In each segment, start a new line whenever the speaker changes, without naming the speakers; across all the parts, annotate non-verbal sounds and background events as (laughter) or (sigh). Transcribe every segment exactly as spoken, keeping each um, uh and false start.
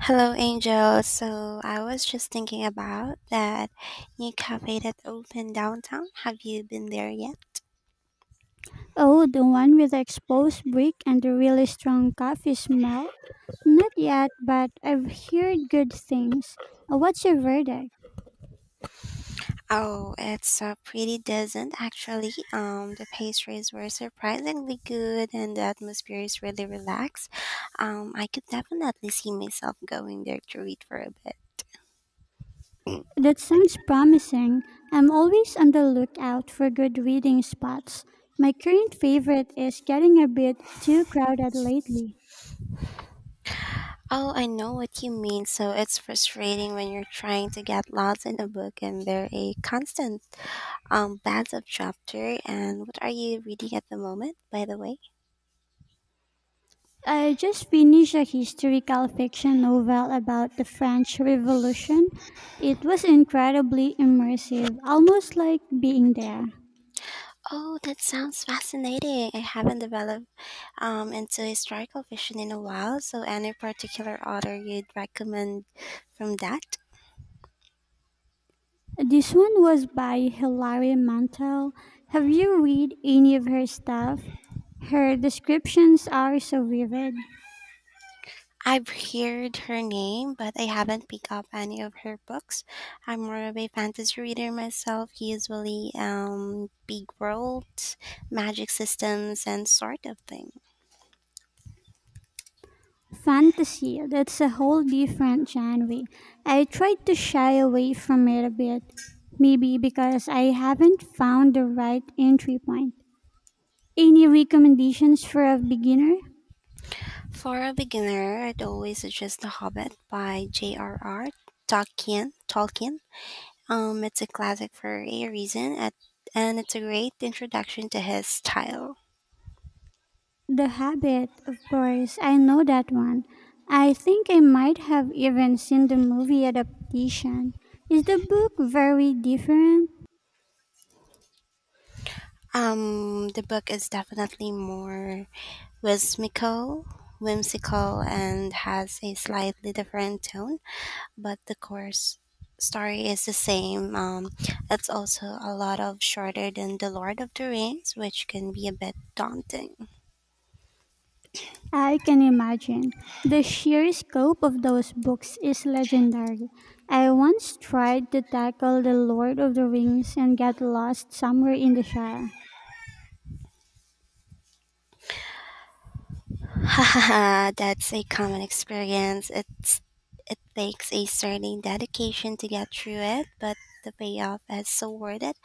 Hello, Angel. So I was just thinking about that new cafe that opened downtown. Have you been there yet?
Oh, the one with the exposed brick and the really strong coffee smell? Not yet, but I've heard good things. Uh, What's your verdict?
Oh, it's uh, pretty decent actually. Um, the pastries were surprisingly good, and the atmosphere is really relaxed. Um, I could definitely see myself going there to read for a bit.
That sounds promising. I'm always on the lookout for good reading spots. My current favorite is getting a bit too crowded lately.
Oh, I know what you mean. So it's frustrating when you're trying to get lost in a book and they're a constant um plans of chapter. And what are you reading at the moment, by the way?
I just finished a historical fiction novel about the French Revolution. It was incredibly immersive, almost like being there.
Oh, that sounds fascinating. I haven't developed um into historical fiction in a while, so any particular author you'd recommend from that?
This one was by Hilary Mantel. Have you read any of her stuff? Her descriptions are so vivid.
I've heard her name, but I haven't picked up any of her books. I'm more of a fantasy reader myself, usually um big worlds, magic systems and sort of thing.
Fantasy, that's a whole different genre. I tried to shy away from it a bit, maybe because I haven't found the right entry point. Any recommendations for a beginner?
For a beginner, I'd always suggest The Hobbit by J R R. Tolkien. Tolkien. Um, it's a classic for a reason, at, and it's a great introduction to his style.
The Habit, of course, I know that one. I think I might have even seen the movie adaptation. Is the book very different?
Um, the book is definitely more whimsical, whimsical, and has a slightly different tone, but the course story is the same. Um, it's also a lot of shorter than The Lord of the Rings, which can be a bit daunting.
I can imagine. The sheer scope of those books is legendary. I once tried to tackle The Lord of the Rings and got lost somewhere in the Shire.
Ha, that's a common experience. It's it takes a certain dedication to get through it, but the payoff is so worth it.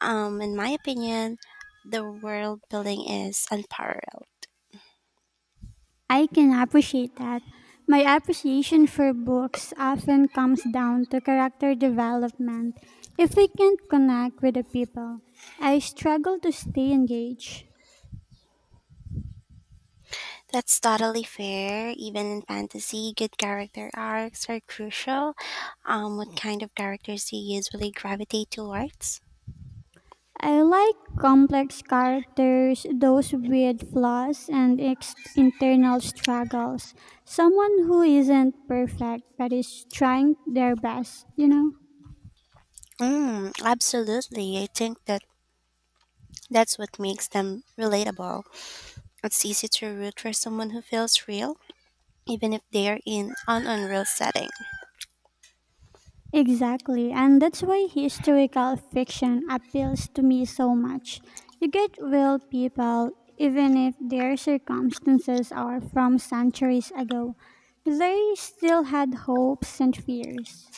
Um in my opinion, the world building is unparalleled.
I can appreciate that. My appreciation for books often comes down to character development. If I can't connect with the people, I struggle to stay engaged.
That's totally fair. Even in fantasy, good character arcs are crucial. Um what kind of characters do you usually gravitate towards?
I like complex characters, those with flaws and ex- internal struggles. Someone who isn't perfect but is trying their best, you know?
Mm, absolutely. I think that that's what makes them relatable. It's easy to root for someone who feels real even if they're in an unreal setting.
Exactly, and that's why historical fiction appeals to me so much. You get real people, even if their circumstances are from centuries ago. They still had hopes and fears.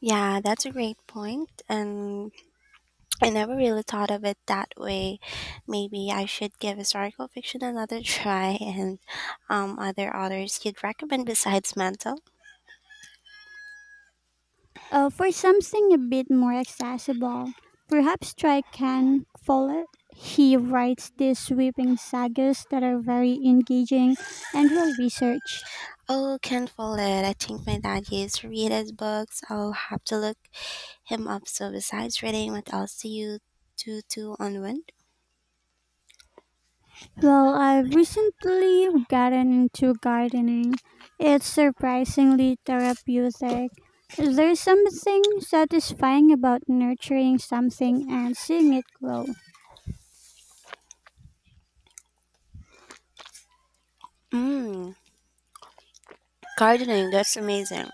Yeah, that's a great point, and I never really thought of it that way. Maybe I should give historical fiction another (laughs) try, and um, other authors you'd recommend besides Mantle.
Uh, for something a bit more accessible, perhaps try Ken Follett. He writes these sweeping sagas that are very engaging and well researched.
Oh, Ken Follett. I think my dad used to read his books. I'll have to look him up. So besides reading, what else do you do to unwind?
Well, I've recently gotten into gardening. It's surprisingly therapeutic. There's something satisfying about nurturing something and seeing it grow.
Mm, gardening. That's amazing.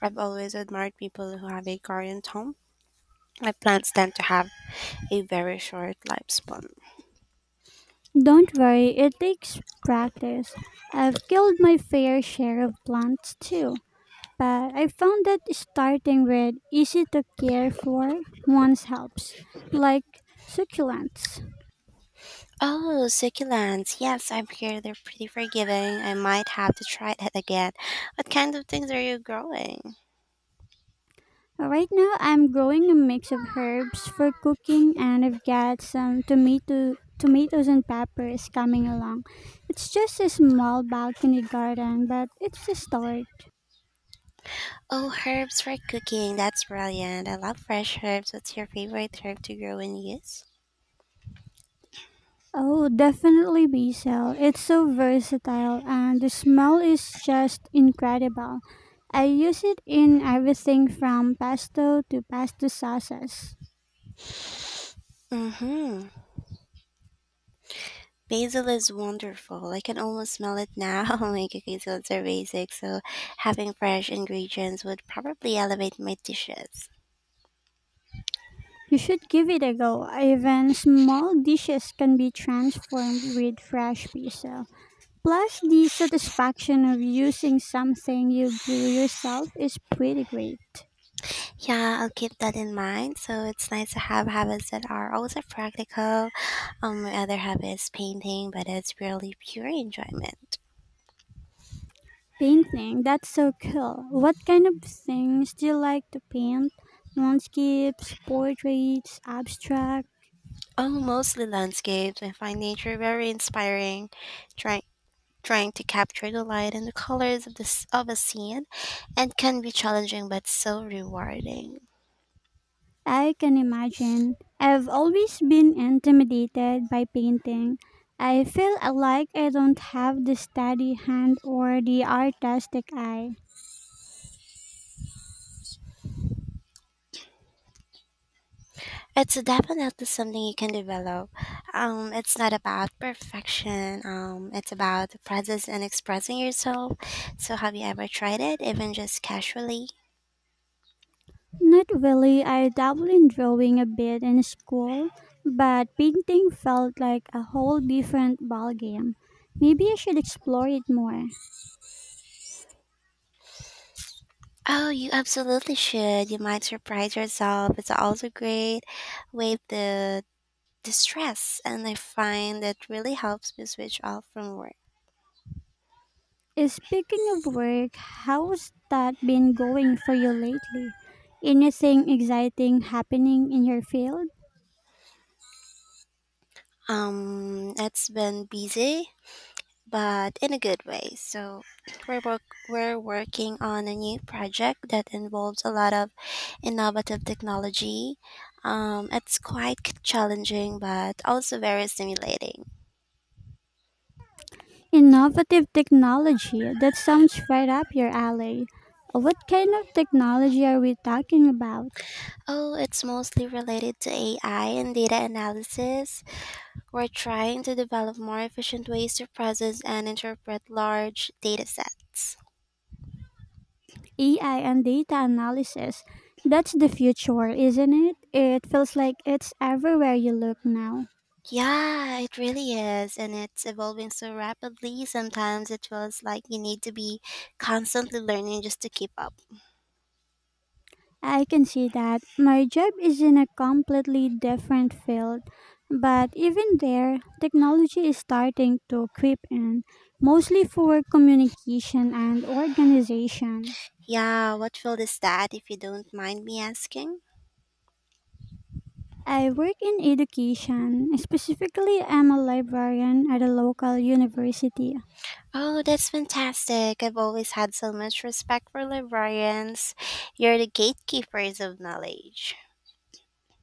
I've always admired people who have a garden at home. My plants tend to have a very short lifespan.
Don't worry, it takes practice. I've killed my fair share of plants too, but I found that starting with easy to care for ones helps, like succulents.
Oh, succulents. Yes, I'm here. They're pretty forgiving. I might have to try that again. What kind of things are you growing?
Right now, I'm growing a mix of herbs for cooking, and I've got some tomato, tomatoes and peppers coming along. It's just a small balcony garden, but it's a start.
Oh, herbs for cooking. That's brilliant. I love fresh herbs. What's your favorite herb to grow and use?
Oh, definitely basil. It's so versatile, and the smell is just incredible. I use it in everything from pesto to pasta sauces.
Mm-hmm. Basil is wonderful. I can almost smell it now. (laughs) My cooking skills are basic, so having fresh ingredients would probably elevate my dishes.
You should give it a go. Even small dishes can be transformed with fresh basil. Plus, the satisfaction of using something you grew yourself is pretty great.
Yeah, I'll keep that in mind. So it's nice to have habits that are also practical. Um, my other hobby is painting, but it's purely pure enjoyment.
Painting, that's so cool. What kind of things do you like to paint? Landscapes, portraits, abstract?
Oh, mostly landscapes. I find nature very inspiring. Trying trying to capture the light and the colors of this of a scene, and can be challenging but so rewarding.
I can imagine. I've always been intimidated by painting. I feel like I don't have the steady hand or the artistic eye.
It's definitely something you can develop. Um, it's not about perfection. Um, it's about the process and expressing yourself. So, have you ever tried it, even just casually?
Not really. I dabbled in drawing a bit in school, but painting felt like a whole different ballgame. Maybe I should explore it more.
Oh, you absolutely should. You might surprise yourself. It's also great way the distress, and I find that really helps me switch off from work.
Eh, Speaking of work, how's that been going for you lately? Anything exciting happening in your field?
Um, it's been busy, but in a good way. So we're work- we're working on a new project that involves a lot of innovative technology. Um, it's quite c- challenging, but also very stimulating.
Innovative technology, that sounds right up your alley. What kind of technology are we talking about?
Oh, it's mostly related to A I and data analysis. We're trying to develop more efficient ways to process and interpret large data sets.
A I and data analysis. That's the future, isn't it? It feels like it's everywhere you look now.
Yeah, it really is, and it's evolving so rapidly. Sometimes it feels like you need to be constantly learning just to keep up.
I can see that. My job is in a completely different field, but even there, technology is starting to creep in, mostly for communication and organization.
Yeah, what field is that, if you don't mind me asking?
I work in education. Specifically, I'm a librarian at a local university.
Oh, that's fantastic. I've always had so much respect for librarians. You're the gatekeepers of knowledge.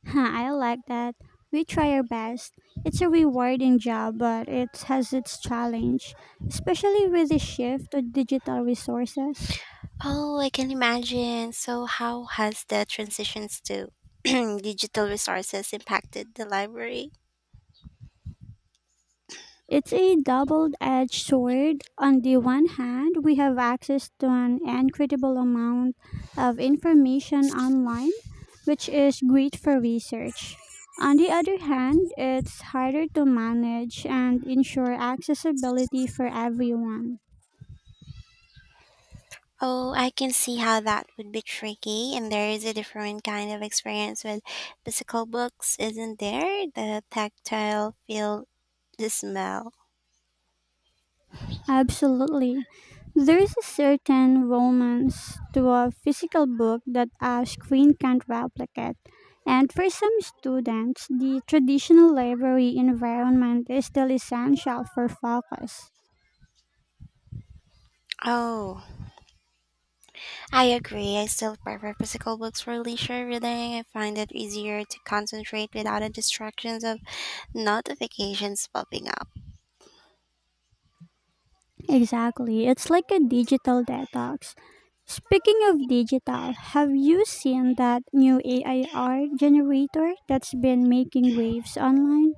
Huh, I like that. We try our best. It's a rewarding job, but it has its challenge, especially with the shift to digital resources.
Oh, I can imagine. So, how has the transitions to (clears throat) digital resources impacted the library?
It's a double edged sword. On the one hand, we have access to an incredible amount of information online, which is great for research. On the other hand, it's harder to manage and ensure accessibility for everyone.
Oh, I can see how that would be tricky, and there is a different kind of experience with physical books, isn't there? The tactile feel, the smell.
Absolutely. There is a certain romance to a physical book that a screen can't replicate. And for some students, the traditional library environment is still essential for focus.
Oh, I agree. I still prefer physical books for leisure reading. I find it easier to concentrate without the distractions of notifications popping up.
Exactly. It's like a digital detox. Speaking of digital, have you seen that new A I R generator that's been making waves online?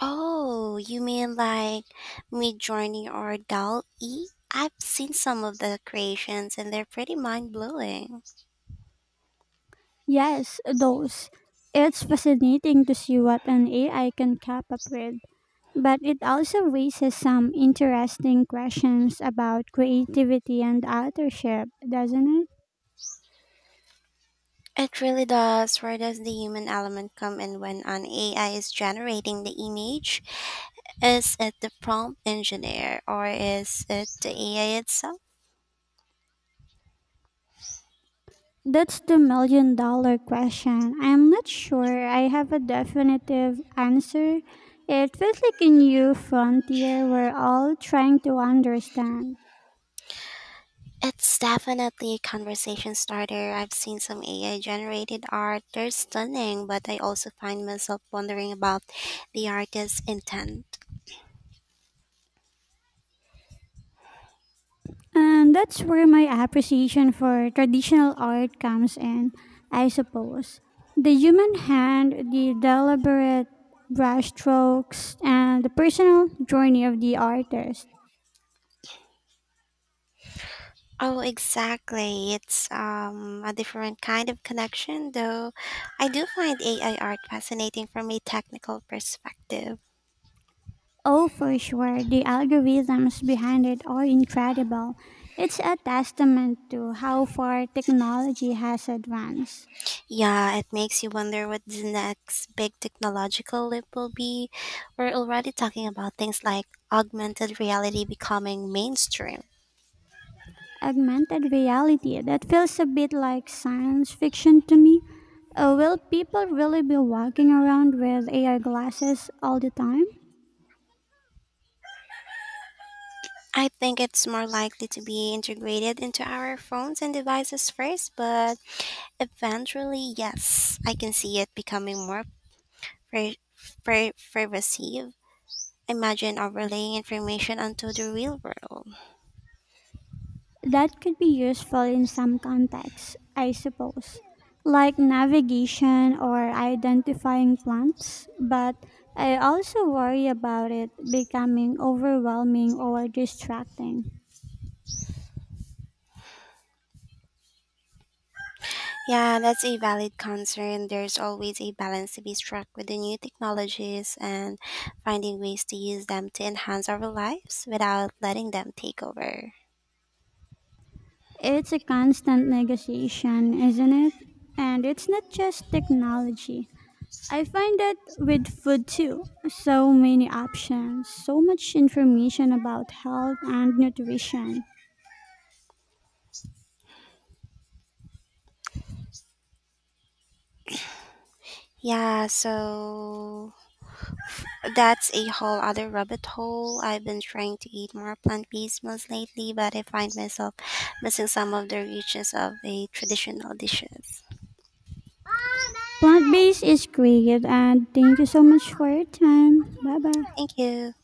Oh, you mean like Midjourney or Dal E? I've seen some of the creations and they're pretty mind blowing.
Yes, those. It's fascinating to see what an A I can cap up with, but it also raises some interesting questions about creativity and authorship, doesn't it?
It really does. Where does the human element come in when an A I is generating the image? Is it the prompt engineer or is it the A I itself?
That's the million dollar question. I'm not sure I have a definitive answer. It feels like a new frontier we're all trying to understand.
It's definitely a conversation starter. I've seen some A I generated art. They're stunning, but I also find myself wondering about the artist's intent.
And that's where my appreciation for traditional art comes in, I suppose. The human hand, the deliberate brushstrokes, and the personal journey of the artist.
Oh, exactly. It's um, a different kind of connection, though. I do find A I art fascinating from a technical perspective.
Oh, for sure, the algorithms behind it are incredible. It's a testament to how far technology has advanced.
Yeah, it makes you wonder what the next big technological leap will be. We're already talking about things like augmented reality becoming mainstream.
Augmented reality, that feels a bit like science fiction to me. Uh, will people really be walking around with A I glasses all the time?
I think it's more likely to be integrated into our phones and devices first, but eventually, yes, I can see it becoming more pre- pre- pervasive. Imagine overlaying information onto the real world.
That could be useful in some contexts, I suppose, like navigation or identifying plants, but I also worry about it becoming overwhelming or distracting.
Yeah, that's a valid concern. There's always a balance to be struck with the new technologies and finding ways to use them to enhance our lives without letting them take over.
It's a constant negotiation, isn't it? And it's not just technology. I find that with food too, so many options, so much information about health and nutrition.
Yeah, so that's a whole other rabbit hole. I've been trying to eat more plant based meals lately, but I find myself missing some of the richness of a traditional dishes.
Plant based is great, and thank you so much for your time. Bye bye.
Thank you.